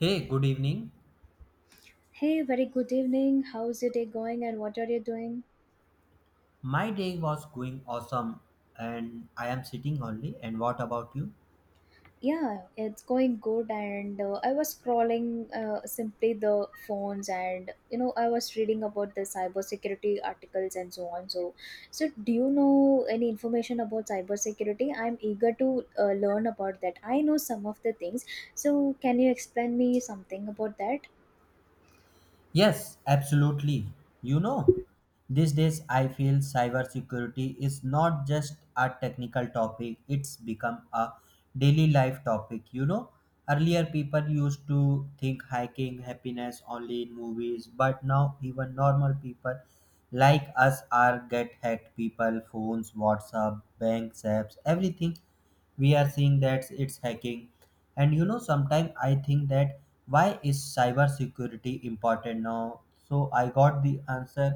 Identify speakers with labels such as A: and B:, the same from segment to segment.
A: Hey, good evening.
B: Hey, very good evening. How's your day going and what are you doing?
A: My day was going awesome and I am sitting only. And what about you?
B: Yeah, it's going good. And I was scrolling simply the phones, and you know, I was reading about the cybersecurity articles and so on. So, do you know any information about cybersecurity? I'm eager to learn about that. I know some of the things. So, can you explain me something about that?
A: Yes, absolutely. You know, these days I feel cybersecurity is not just a technical topic, it's become a daily life topic. Earlier people used to think hiking, happiness only in movies, but now even normal people like us are get hacked people, phones, WhatsApp, bank apps, everything we are seeing that it's hacking. And sometimes I think that why is cyber security important now, so I got the answer.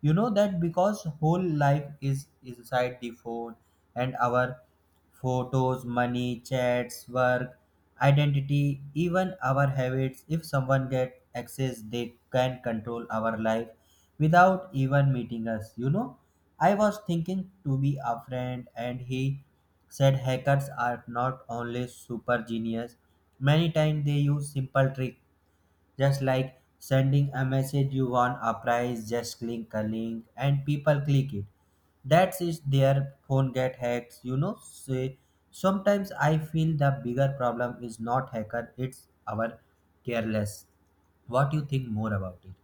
A: That because whole life is inside the phone, and our photos, money, chats, work, identity, even our habits, if someone get access they can control our life without even meeting us. I was thinking to be a friend and he said hackers are not only super genius. Many times they use simple trick, just like sending a message you won a prize, just click a link and people click it, that is their phone get hacked you know say Sometimes I feel the bigger problem is not hacker, it's our careless. What do you think more about it?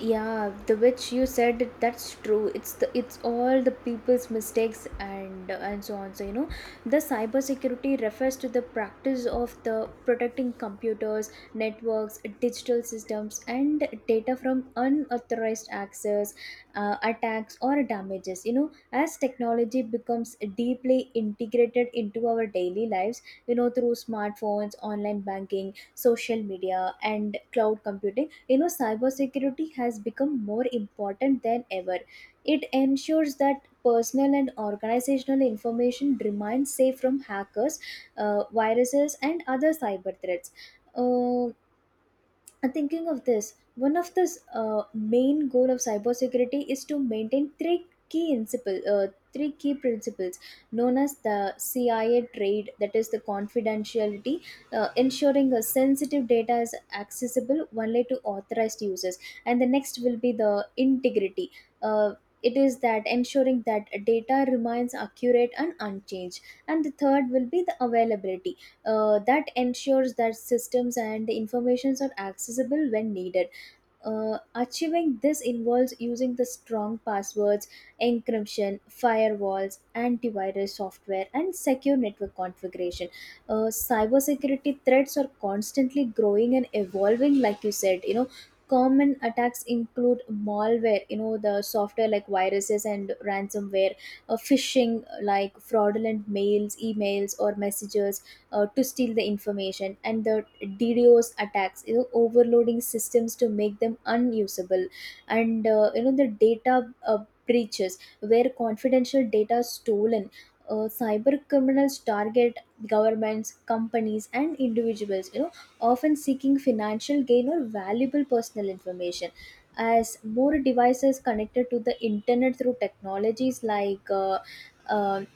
B: Yeah, the which you that's true. It's the it's all the people's mistakes and so on. So you know, the cybersecurity refers to the practice of the protecting computers, networks, digital systems and data from unauthorized access, attacks or damages. You know, as technology becomes deeply integrated into our daily lives, you know, through smartphones, online banking, social media and cloud computing, you know, cybersecurity has become more important than ever. It ensures that personal and organizational information remains safe from hackers, viruses and other cyber threats. Uh, and thinking of this, one of the main goal of cybersecurity is to maintain three key principles known as the CIA trade, that is the confidentiality, ensuring the sensitive data is accessible only to authorized users, and the next will be the integrity. Uh, it is that ensuring that data remains accurate and unchanged, and the third will be the availability, that ensures that systems and informations are accessible when needed. Achieving this involves using the strong passwords, encryption, firewalls, antivirus software, and secure network configuration. Cybersecurity threats are constantly growing and evolving, like you said. You know, common attacks include malware. You know, the software like viruses and ransomware, phishing like fraudulent emails, or messages to steal the information, and the DDoS attacks, you know, overloading systems to make them unusable, and you know, the data breaches where confidential data is stolen. Cyber criminals target governments, companies, and individuals. You know, often seeking financial gain or valuable personal information. As more devices connected to the internet through technologies like um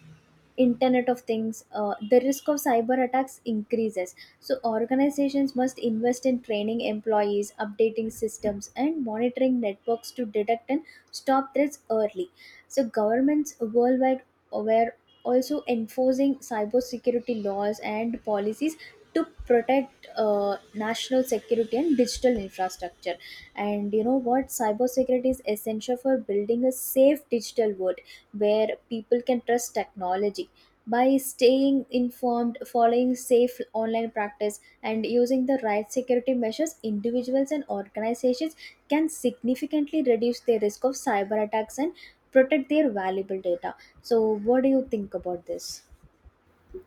B: internet of things, the risk of cyber attacks increases. So organizations must invest in training employees, updating systems and monitoring networks to detect and stop threats early. So governments worldwide were also enforcing cybersecurity laws and policies to protect national security and digital infrastructure. And you know what, cybersecurity is essential for building a safe digital world where people can trust technology. By staying informed, following safe online practice and using the right security measures, individuals and organizations can significantly reduce their risk of cyber attacks and protect their valuable data. So what do you think about this?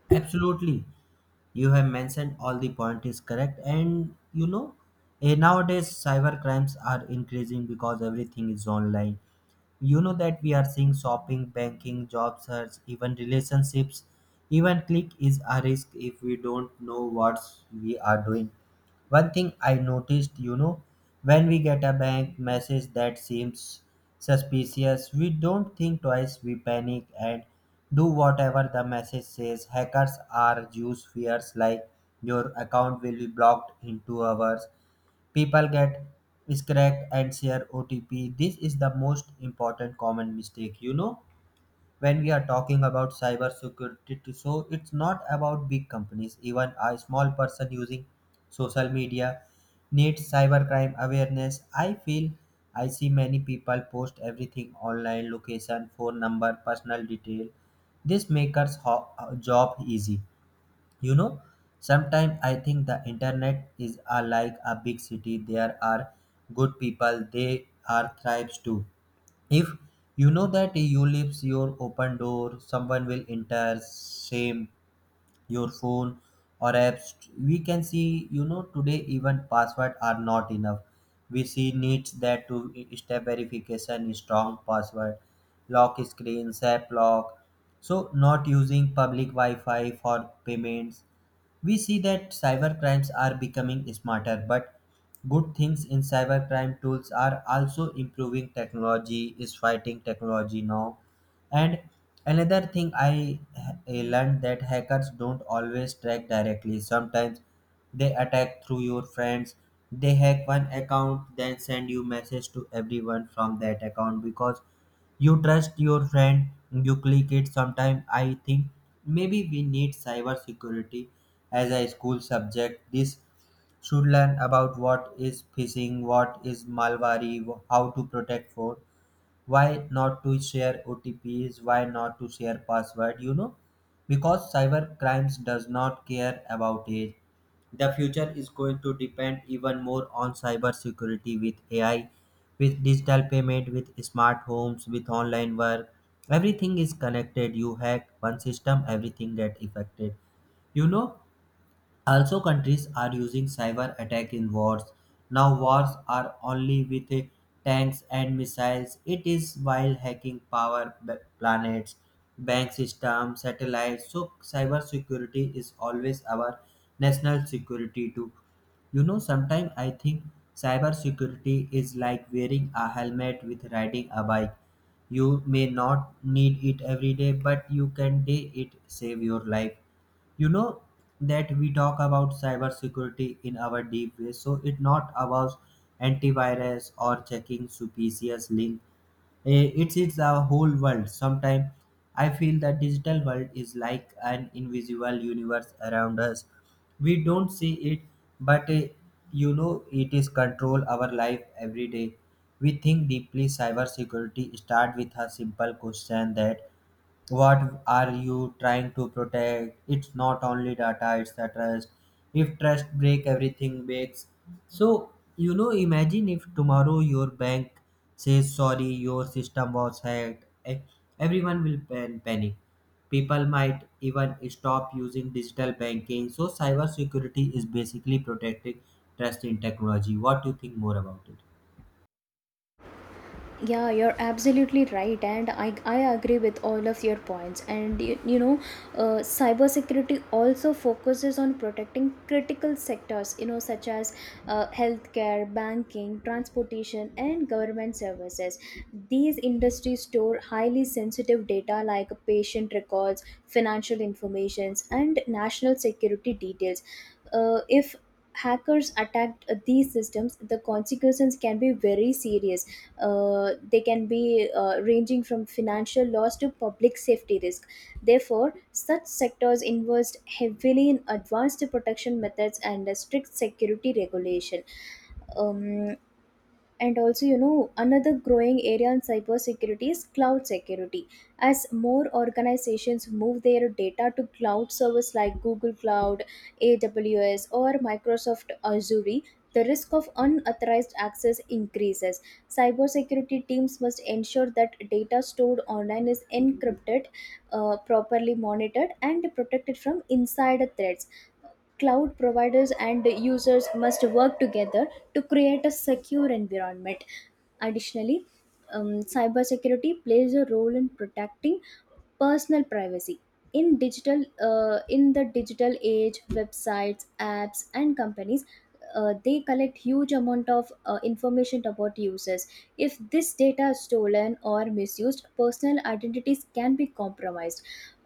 A: Absolutely. You have mentioned all the point is correct and nowadays cyber crimes are increasing because everything is online. You know that we are seeing shopping, banking, job search, even relationships. Even click is a risk if we don't know what we are doing. One thing I noticed, when we get a bank message that seems suspicious, we don't think twice, we panic and do whatever the message says. Hackers are use fears like your account will be blocked in 2 hours. People get scracked and share OTP. This is the most important common mistake, you know when we are talking about cyber so it's not about big companies, even a small person using social media needs cybercrime awareness, I feel. I see many people post everything online, location, phone number, personal detail. This makes our job easy. you know, sometimes I think the internet like a big city. There are good people, they are thrives too. If you know that you leaves your open door, someone will enter, same your phone or apps. We can see, you know, today even password are not enough. We see needs that to step verification, strong password, lock screen, app lock, so not using public wi-fi for payments. We see that cyber crimes are becoming smarter, but good things in cybercrime tools are also improving. Technology is fighting technology now. And another thing I learned that hackers don't always track directly. Sometimes they attack through your friends. They hack one account, then send you message to everyone from that account because you trust your friend. You click it. Sometimes I think maybe we need cyber security as a school subject. This should learn about what is phishing, what is malware, how to protect phone, why not to share otps, why not to share password. You know, because cyber crimes does not care about age. The future is going to depend even more on cyber security, with AI, with digital payment, with smart homes, with online work, everything is connected. You hack one system, everything get affected. You know, also, countries are using cyber attack in wars. Now, wars are only with tanks and missiles. It is while hacking planets, bank systems, satellites. So, cyber security is always our national security too. You know, sometimes I think cyber security is like wearing a helmet with riding a bike. You may not need it every day, but you can day it save your life you know that we talk about cybersecurity in our deep way, so it not about antivirus or checking suspicious link. Eh, it's a whole world. Sometimes I feel that digital world is like an invisible universe around us. We don't see it, but it is control our life every day. We think deeply cybersecurity start with a simple question, that what are you trying to protect? It's not only data, it's the trust. If trust break, everything breaks. So, you know, imagine if tomorrow your bank says sorry, your system was hacked. Everyone will panic. People might even stop using digital banking. So cyber security is basically protecting trust in technology. What do you think more about it?
B: Yeah, you're absolutely right, and I agree with all of your points. And you know, cybersecurity also focuses on protecting critical sectors, you know, such as healthcare, banking, transportation, and government services. These industries store highly sensitive data like patient records, financial informations, and national security details. If hackers attacked these systems, the consequences can be very serious. They can be ranging from financial loss to public safety risk. Therefore such sectors invest heavily in advanced protection methods and strict security regulation. Um, and also, you know, another growing area in cybersecurity is cloud security. As more organizations move their data to cloud service like Google Cloud, AWS or Microsoft Azure, the risk of unauthorized access increases. Cybersecurity teams must ensure that data stored online is encrypted, properly monitored and protected from insider threats. Cloud providers and users must work together to create a secure environment. Additionally, cybersecurity plays a role in protecting personal privacy in the digital age, websites, apps and companies, they collect huge amount of information about users. If this data is stolen or misused, personal identities can be compromised.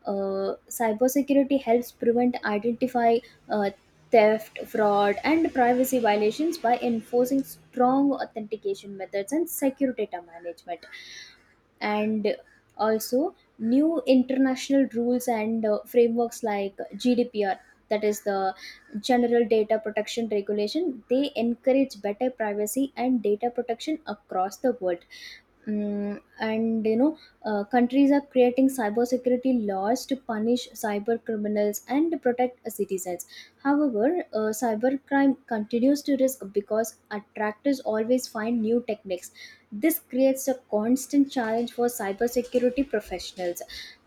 B: Cybersecurity helps prevent identify uh, theft, fraud, and privacy violations by enforcing strong authentication methods and secure data management. And also, new international rules and frameworks like GDPR, that is the General Data Protection Regulation, they encourage better privacy and data protection across the world. Mm, and you know, countries are creating cybersecurity laws to punish cyber criminals and protect citizens. However, cybercrime continues to risk because attackers always find new techniques. This creates a constant challenge for cybersecurity professionals.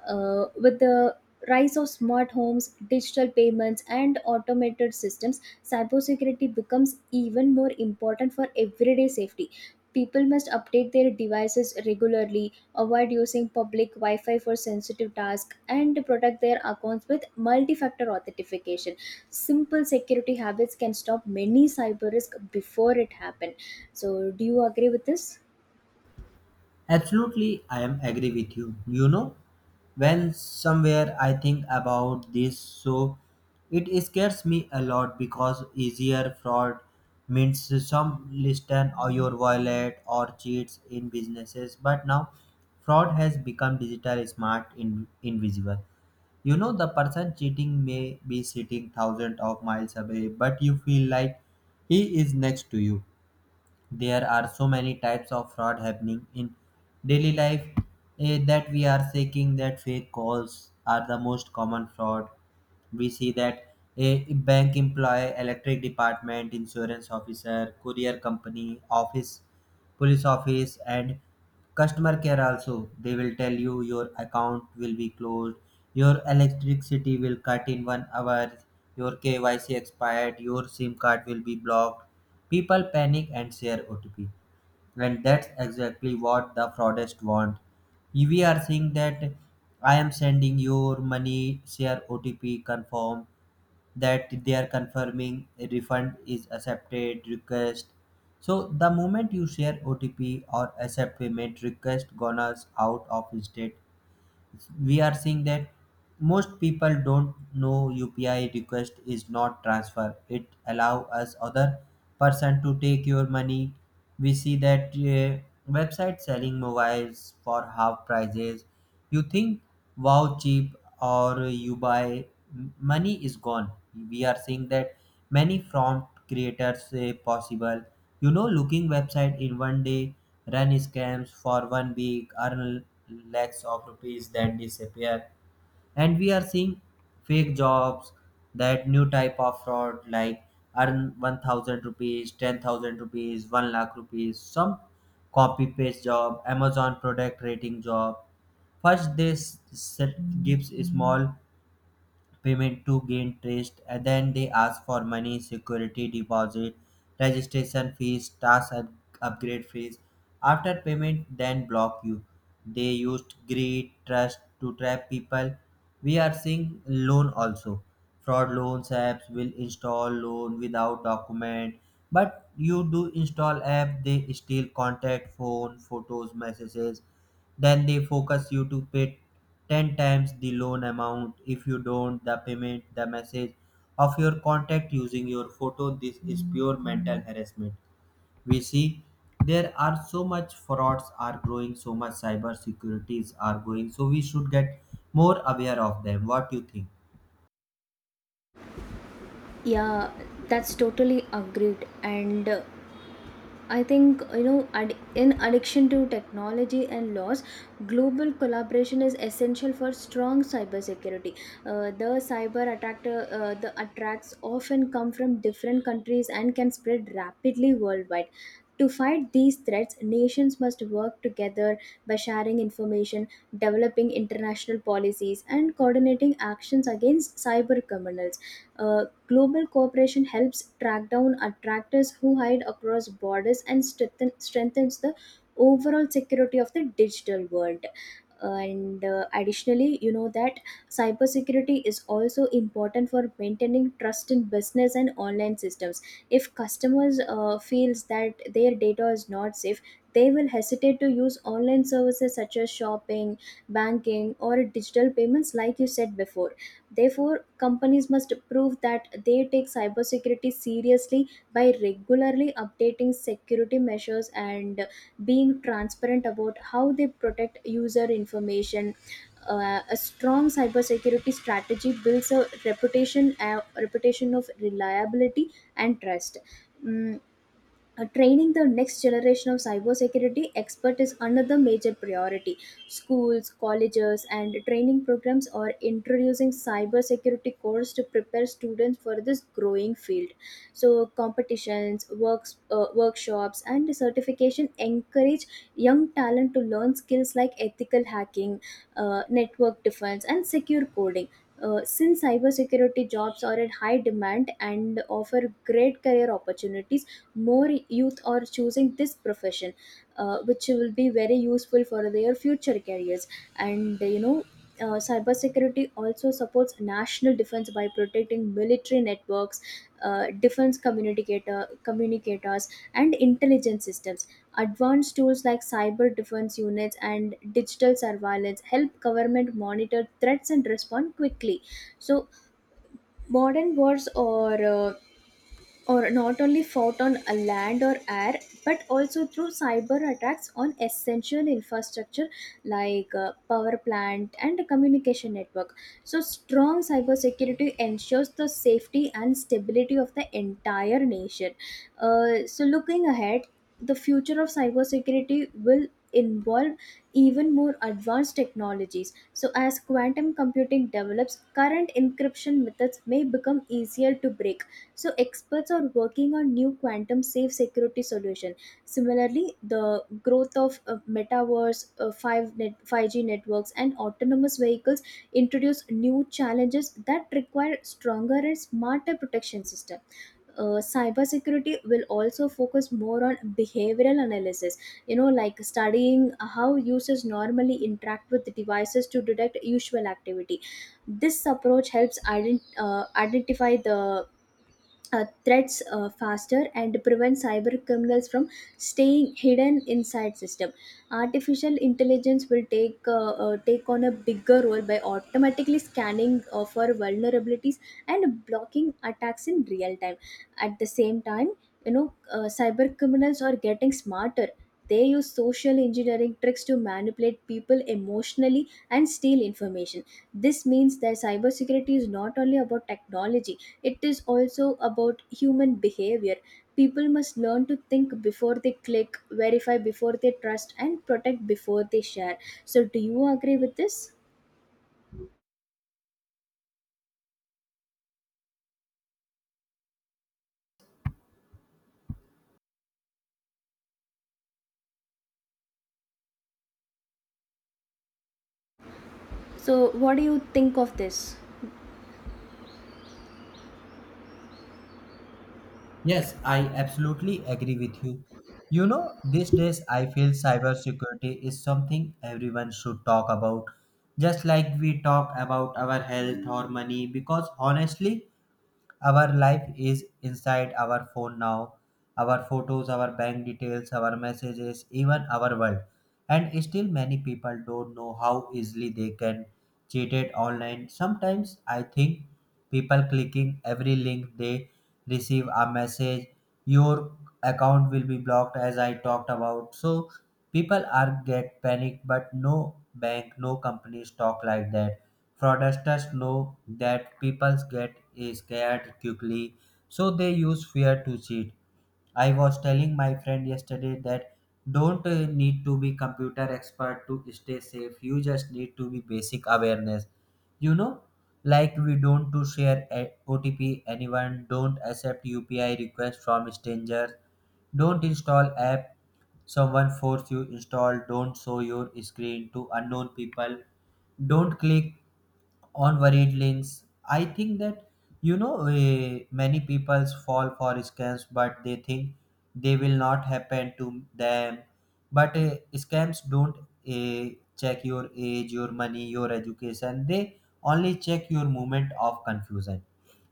B: With the rise of smart homes, digital payments and automated systems, cybersecurity becomes even more important for everyday safety. People must update their devices regularly, avoid using public Wi Fi for sensitive tasks, and protect their accounts with multi factor authentication. Simple security habits can stop many cyber risk before it happen. So, do you agree with this?
A: Absolutely, I am agree with you. You know, when somewhere I think about this, so it scares me a lot because easier fraud means some listen or your wallet or cheats in businesses. But now, fraud has become digital, smart, invisible. You know, the person cheating may be sitting thousands of miles away, but you feel like he is next to you. There are so many types of fraud happening in daily life. That we are seeking that fake calls are the most common fraud. We see that a bank employee, electric department, insurance officer, courier company office, police office and customer care also, they will tell you your account will be closed, your electricity will cut in 1 hour, your kyc expired, your sim card will be blocked. People panic and share OTP, and that's exactly what the fraudsters want. If we are saying that I am sending your money, share OTP, confirm, that they are confirming a refund is accepted request. So the moment you share OTP or accept payment request, gonna out of state. We are seeing that most people don't know UPI request is not transfer. It allow us other person to take your money. We see that website selling mobiles for half prices. You think wow cheap, or you buy, money is gone. We are seeing that many prompt creators say possible. You know, looking website in one day, run scams for 1 week, earn lakhs of rupees that disappear. And we are seeing fake jobs, that new type of fraud like earn 1,000 rupees, 10,000 rupees, 1 lakh rupees, some copy paste job, Amazon product rating job. First, this set gives small payment to gain trust, and then they ask for money, security deposit, registration fees, task upgrade fees. After payment, then block you. They used greed trust to trap people. We are seeing loan also, fraud loans apps will install loan without document, but you do install app, they steal contact, phone, photos, messages, then they focus you to pay 10 times the loan amount. If you don't the payment, the message of your contact using your photo, this is pure mental harassment. We see there are so much frauds are growing, so much cyber securities are growing, so we should get more aware of them. What do you think?
B: Yeah, that's totally agreed. And I think, you know, in addiction to technology and laws, global collaboration is essential for strong cybersecurity. The attacks often come from different countries and can spread rapidly worldwide. To fight these threats, nations must work together by sharing information, developing international policies, and coordinating actions against cyber criminals. Uh, Global cooperation helps track down attractors who hide across borders and strengthens the overall security of the digital world. And additionally, you know that cybersecurity is also important for maintaining trust in business and online systems. If customers feels that their data is not safe, they will hesitate to use online services such as shopping, banking, or digital payments, like you said before. Therefore, companies must prove that they take cybersecurity seriously by regularly updating security measures and being transparent about how they protect user information. A strong cybersecurity strategy builds a reputation of reliability and trust. Mm, training the next generation of cybersecurity expert is another major priority. Schools, colleges, and training programs are introducing cybersecurity course to prepare students for this growing field. So competitions, workshops, and certification encourage young talent to learn skills like ethical hacking, network defense, and secure coding. Since cybersecurity jobs are in high demand and offer great career opportunities, more youth are choosing this profession, which will be very useful for their future careers. And you know, cybersecurity also supports national defense by protecting military networks, defense communicators and intelligence systems. Advanced tools like cyber defense units and digital surveillance help government monitor threats and respond quickly. So modern wars or not only fought on a land or air, but also through cyber attacks on essential infrastructure like power plant and communication network. So strong cybersecurity ensures the safety and stability of the entire nation. So looking ahead, the future of cybersecurity will involve even more advanced technologies. So as quantum computing develops, current encryption methods may become easier to break. So experts are working on new quantum safe security solution. Similarly, the growth of metaverse, 5G networks and autonomous vehicles introduce new challenges that require stronger and smarter protection system. Cybersecurity will also focus more on behavioral analysis, you know, like studying how users normally interact with devices to detect usual activity. This approach helps identify the threats faster and prevent cyber criminals from staying hidden inside system. Artificial intelligence will take on a bigger role by automatically scanning for vulnerabilities and blocking attacks in real time. At the same time, you know, cyber criminals are getting smarter. They use social engineering tricks to manipulate people emotionally and steal information. This means that cybersecurity is not only about technology, it is also about human behavior. People must learn to think before they click, verify before they trust, and protect before they share. So, do you agree with this? So, what do you think of this?
A: Yes, I absolutely agree with you. You know, these days I feel cybersecurity is something everyone should talk about, just like we talk about our health or money, because honestly, our life is inside our phone now, our photos, our bank details, our messages, even our world. And still, many people don't know how easily they can cheated online. Sometimes I think people clicking every link, they receive a message, your account will be blocked, as I talked about. So people are get panicked, but no bank, no companies talk like that. Fraudsters know that people get scared quickly, so they use fear to cheat. I was telling my friend yesterday that don't need to be computer expert to stay safe. You just need to be basic awareness. You know, like we don't to share OTP anyone, don't accept UPI requests from strangers, don't install app someone force you install, don't show your screen to unknown people, don't click on worried links. I think that many people fall for scams, but they think they will not happen to them. But scams don't check your age, your money, your education. They only check your moment of confusion.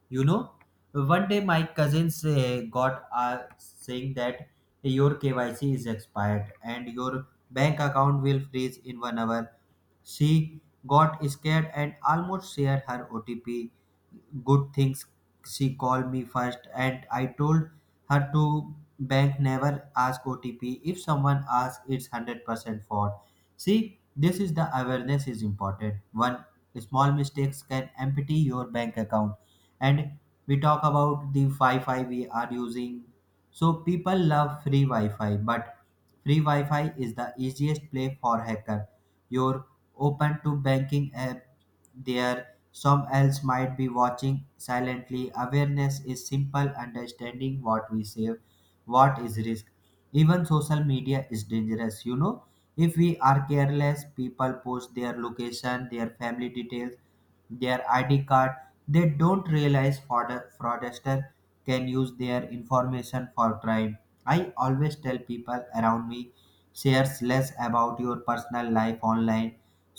A: You know, one day my cousins got saying that your KYC is expired and your bank account will freeze in 1 hour. She got scared and almost shared her OTP. Good things she called me first, and I told her to bank never ask OTP. If someone asks, it's 100% fraud. See, this is the awareness is important. One small mistakes can empty your bank account. And we talk about the Wi-Fi we are using. So people love free Wi-Fi, but free Wi-Fi is the easiest play for hacker. Your open to banking app, there some else might be watching silently. Awareness is simple understanding what we save, what is risk. Even social media is dangerous. You know, if we are careless, people post their location, their family details, their id card. They don't realize fraudster can use their information for crime. I always tell people around me, shares less about your personal life online,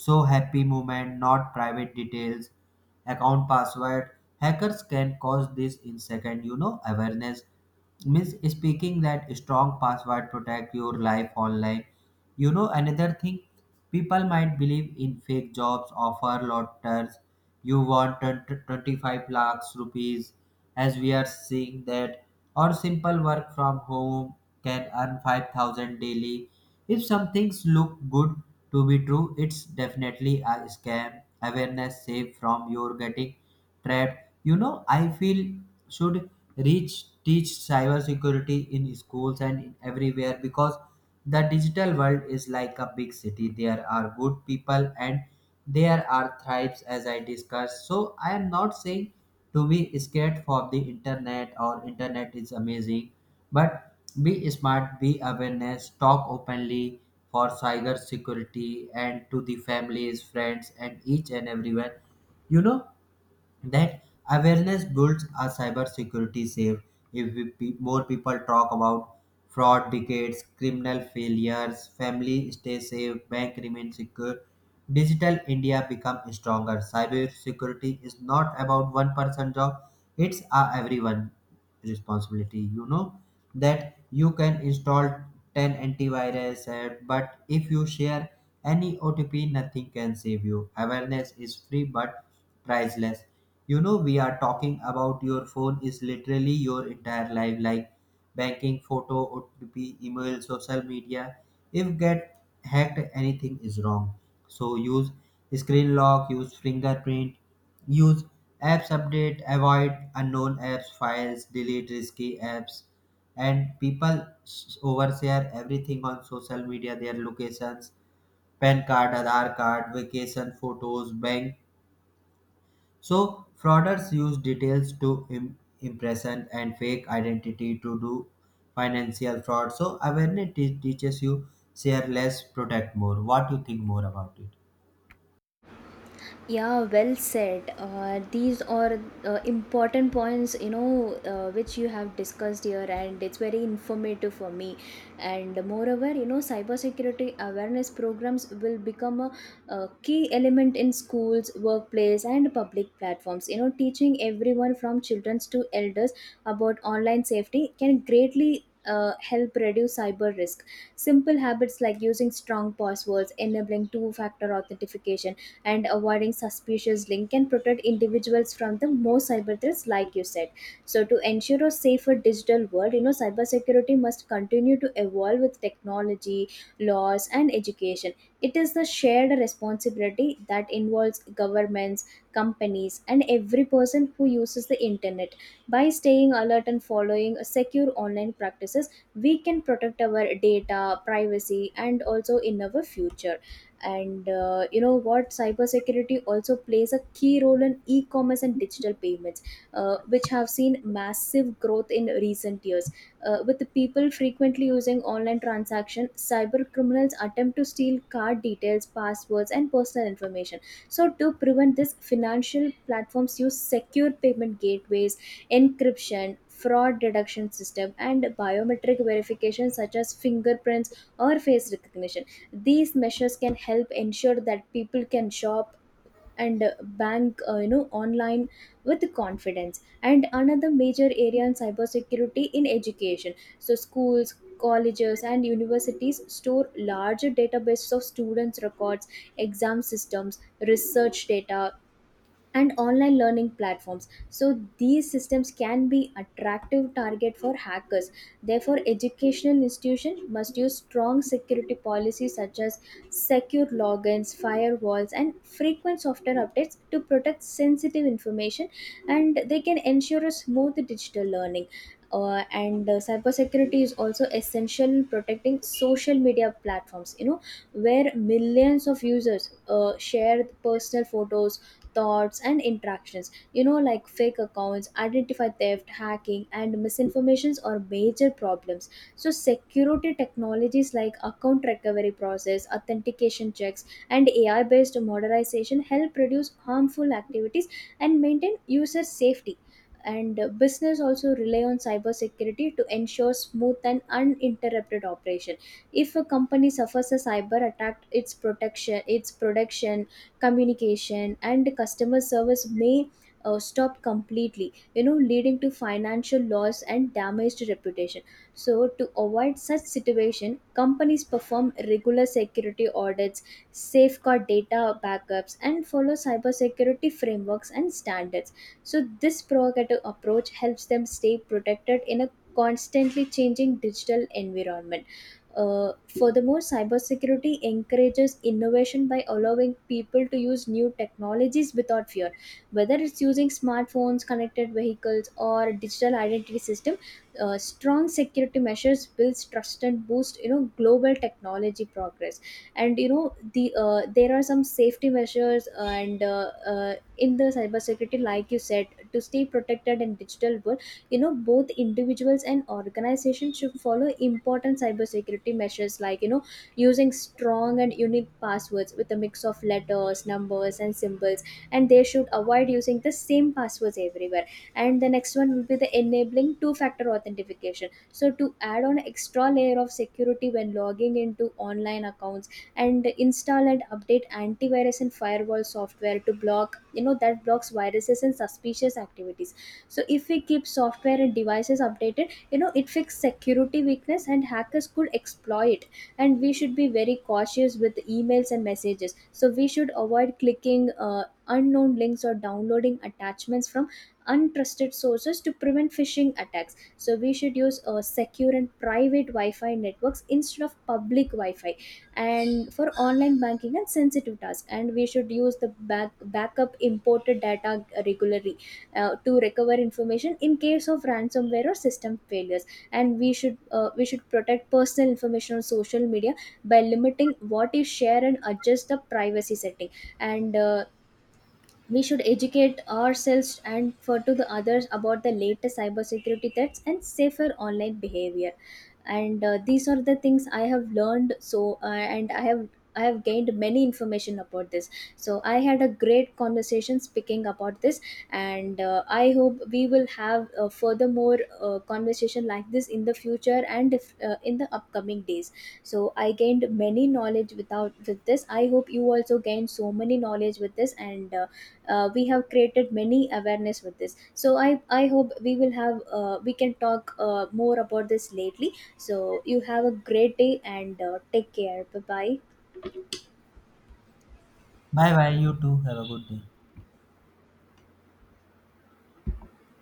A: so happy moment not private details, account password. Hackers can cause this in second. You know, awareness means speaking that strong password protect your life online. You know, another thing, people might believe in fake jobs offer lotters. You want 20 25 lakhs rupees, as we are seeing that, or simple work from home can earn 5,000 daily. If some things look good to be true, it's definitely a scam. Awareness save from your getting trapped. You know, I feel should reach teach cybersecurity in schools and in everywhere, because the digital world is like a big city. There are good people and there are thrives, as I discussed. So I am not saying to be scared for the internet, or internet is amazing, but be smart, be awareness, talk openly for cyber security and to the families, friends and each and everyone. You know that awareness builds a cybersecurity safe. If we, pe- More people talk about fraud, decades, criminal failures, family stay safe, bank remain secure, digital India become stronger. Cybersecurity is not about one person job; it's a everyone responsibility. You know that you can install 10 antivirus app, but if you share any OTP, nothing can save you. Awareness is free but priceless. You know, we are talking about your phone is literally your entire life, like banking, photo, OTP, email, social media. If get hacked, anything is wrong. So use screen lock, use fingerprint, use apps update, avoid unknown apps, files, delete risky apps. And people overshare everything on social media, their locations, PAN card, Aadhaar card, vacation photos, bank. So, fraudsters use details to impression and fake identity to do financial fraud. So, awareness teaches you share less, protect more. What you think more about it?
B: Yeah, well said. These are important points, you know, which you have discussed here, and it's very informative for me. And moreover, you know, cybersecurity awareness programs will become a key element in schools, workplace, and public platforms. You know, teaching everyone from children to elders about online safety can greatly help reduce cyber risk. Simple habits like using strong passwords, enabling two factor authentication, and avoiding suspicious link can protect individuals from the most cyber threats like you said. So to ensure a safer digital world, you know, cybersecurity must continue to evolve with technology, laws, and education. It is the shared responsibility that involves governments, companies, and every person who uses the internet. By staying alert and following secure online practices, we can protect our data privacy and also in our future. And you know what, cybersecurity also plays a key role in e-commerce and digital payments, which have seen massive growth in recent years. With the people frequently using online transaction, cyber criminals attempt to steal card details, passwords, and personal information. So to prevent this, financial platforms use secure payment gateways, encryption, fraud detection system, and biometric verification such as fingerprints or face recognition. These measures can help ensure that people can shop and bank, you know, online with confidence. And another major area in cybersecurity in education. So schools, colleges, and universities store larger databases of students records, exam systems, research data, and online learning platforms. So these systems can be attractive target for hackers. Therefore, educational institutions must use strong security policies such as secure logins, firewalls, and frequent software updates to protect sensitive information, and they can ensure a smooth digital learning. And cybersecurity is also essential in protecting social media platforms, you know, where millions of users share personal photos, thoughts, and interactions, you know, like fake accounts, identify theft, hacking, and misinformations are major problems. So security technologies like account recovery process, authentication checks, and ai based modernization help reduce harmful activities and maintain user safety. And business also rely on cybersecurity to ensure smooth and uninterrupted operation. If a company suffers a cyber attack, its protection, its production, communication, and customer service may stop completely, you know, leading to financial loss and damaged reputation. So to avoid such situation, companies perform regular security audits, safeguard data backups, and follow cybersecurity frameworks and standards. So this proactive approach helps them stay protected in a constantly changing digital environment. uh, Furthermore, cybersecurity encourages innovation by allowing people to use new technologies without fear. Whether it's using smartphones, connected vehicles, or digital identity system, strong security measures builds trust and boost, you know, global technology progress. And you know there are some safety measures and in the cybersecurity, like you said, to stay protected in digital world. You know, both individuals and organizations should follow important cybersecurity measures, like, you know, using strong and unique passwords with a mix of letters, numbers, and symbols, and they should avoid using the same passwords everywhere. And the next one will be the enabling two factor authentication, so to add on extra layer of security when logging into online accounts. And install and update antivirus and firewall software to block, you know, that blocks viruses and suspicious activities. So if we keep software and devices updated, you know, it fixes security weakness and hackers could exploit. And we should be very cautious with emails and messages, so we should avoid clicking unknown links or downloading attachments from untrusted sources to prevent phishing attacks. So we should use secure and private wi-fi networks instead of public wi-fi, and for online banking and sensitive tasks. And we should use the backup imported data regularly to recover information in case of ransomware or system failures. And we should protect personal information on social media by limiting what is shared and adjust the privacy setting. And we should educate ourselves and for to the others about the latest cybersecurity threats and safer online behavior. And these are the things I have learned. So uh, and i have I have gained many information about this. So I had a great conversation speaking about this. And I hope we will have furthermore conversation like this in the future and if, in the upcoming days. So I gained many knowledge without with this. I hope you also gained so many knowledge with this. And we have created many awareness with this. So I hope we will have we can talk more about this lately. So you have a great day and take care. Bye bye.
A: Bye bye. You too. Have a good day.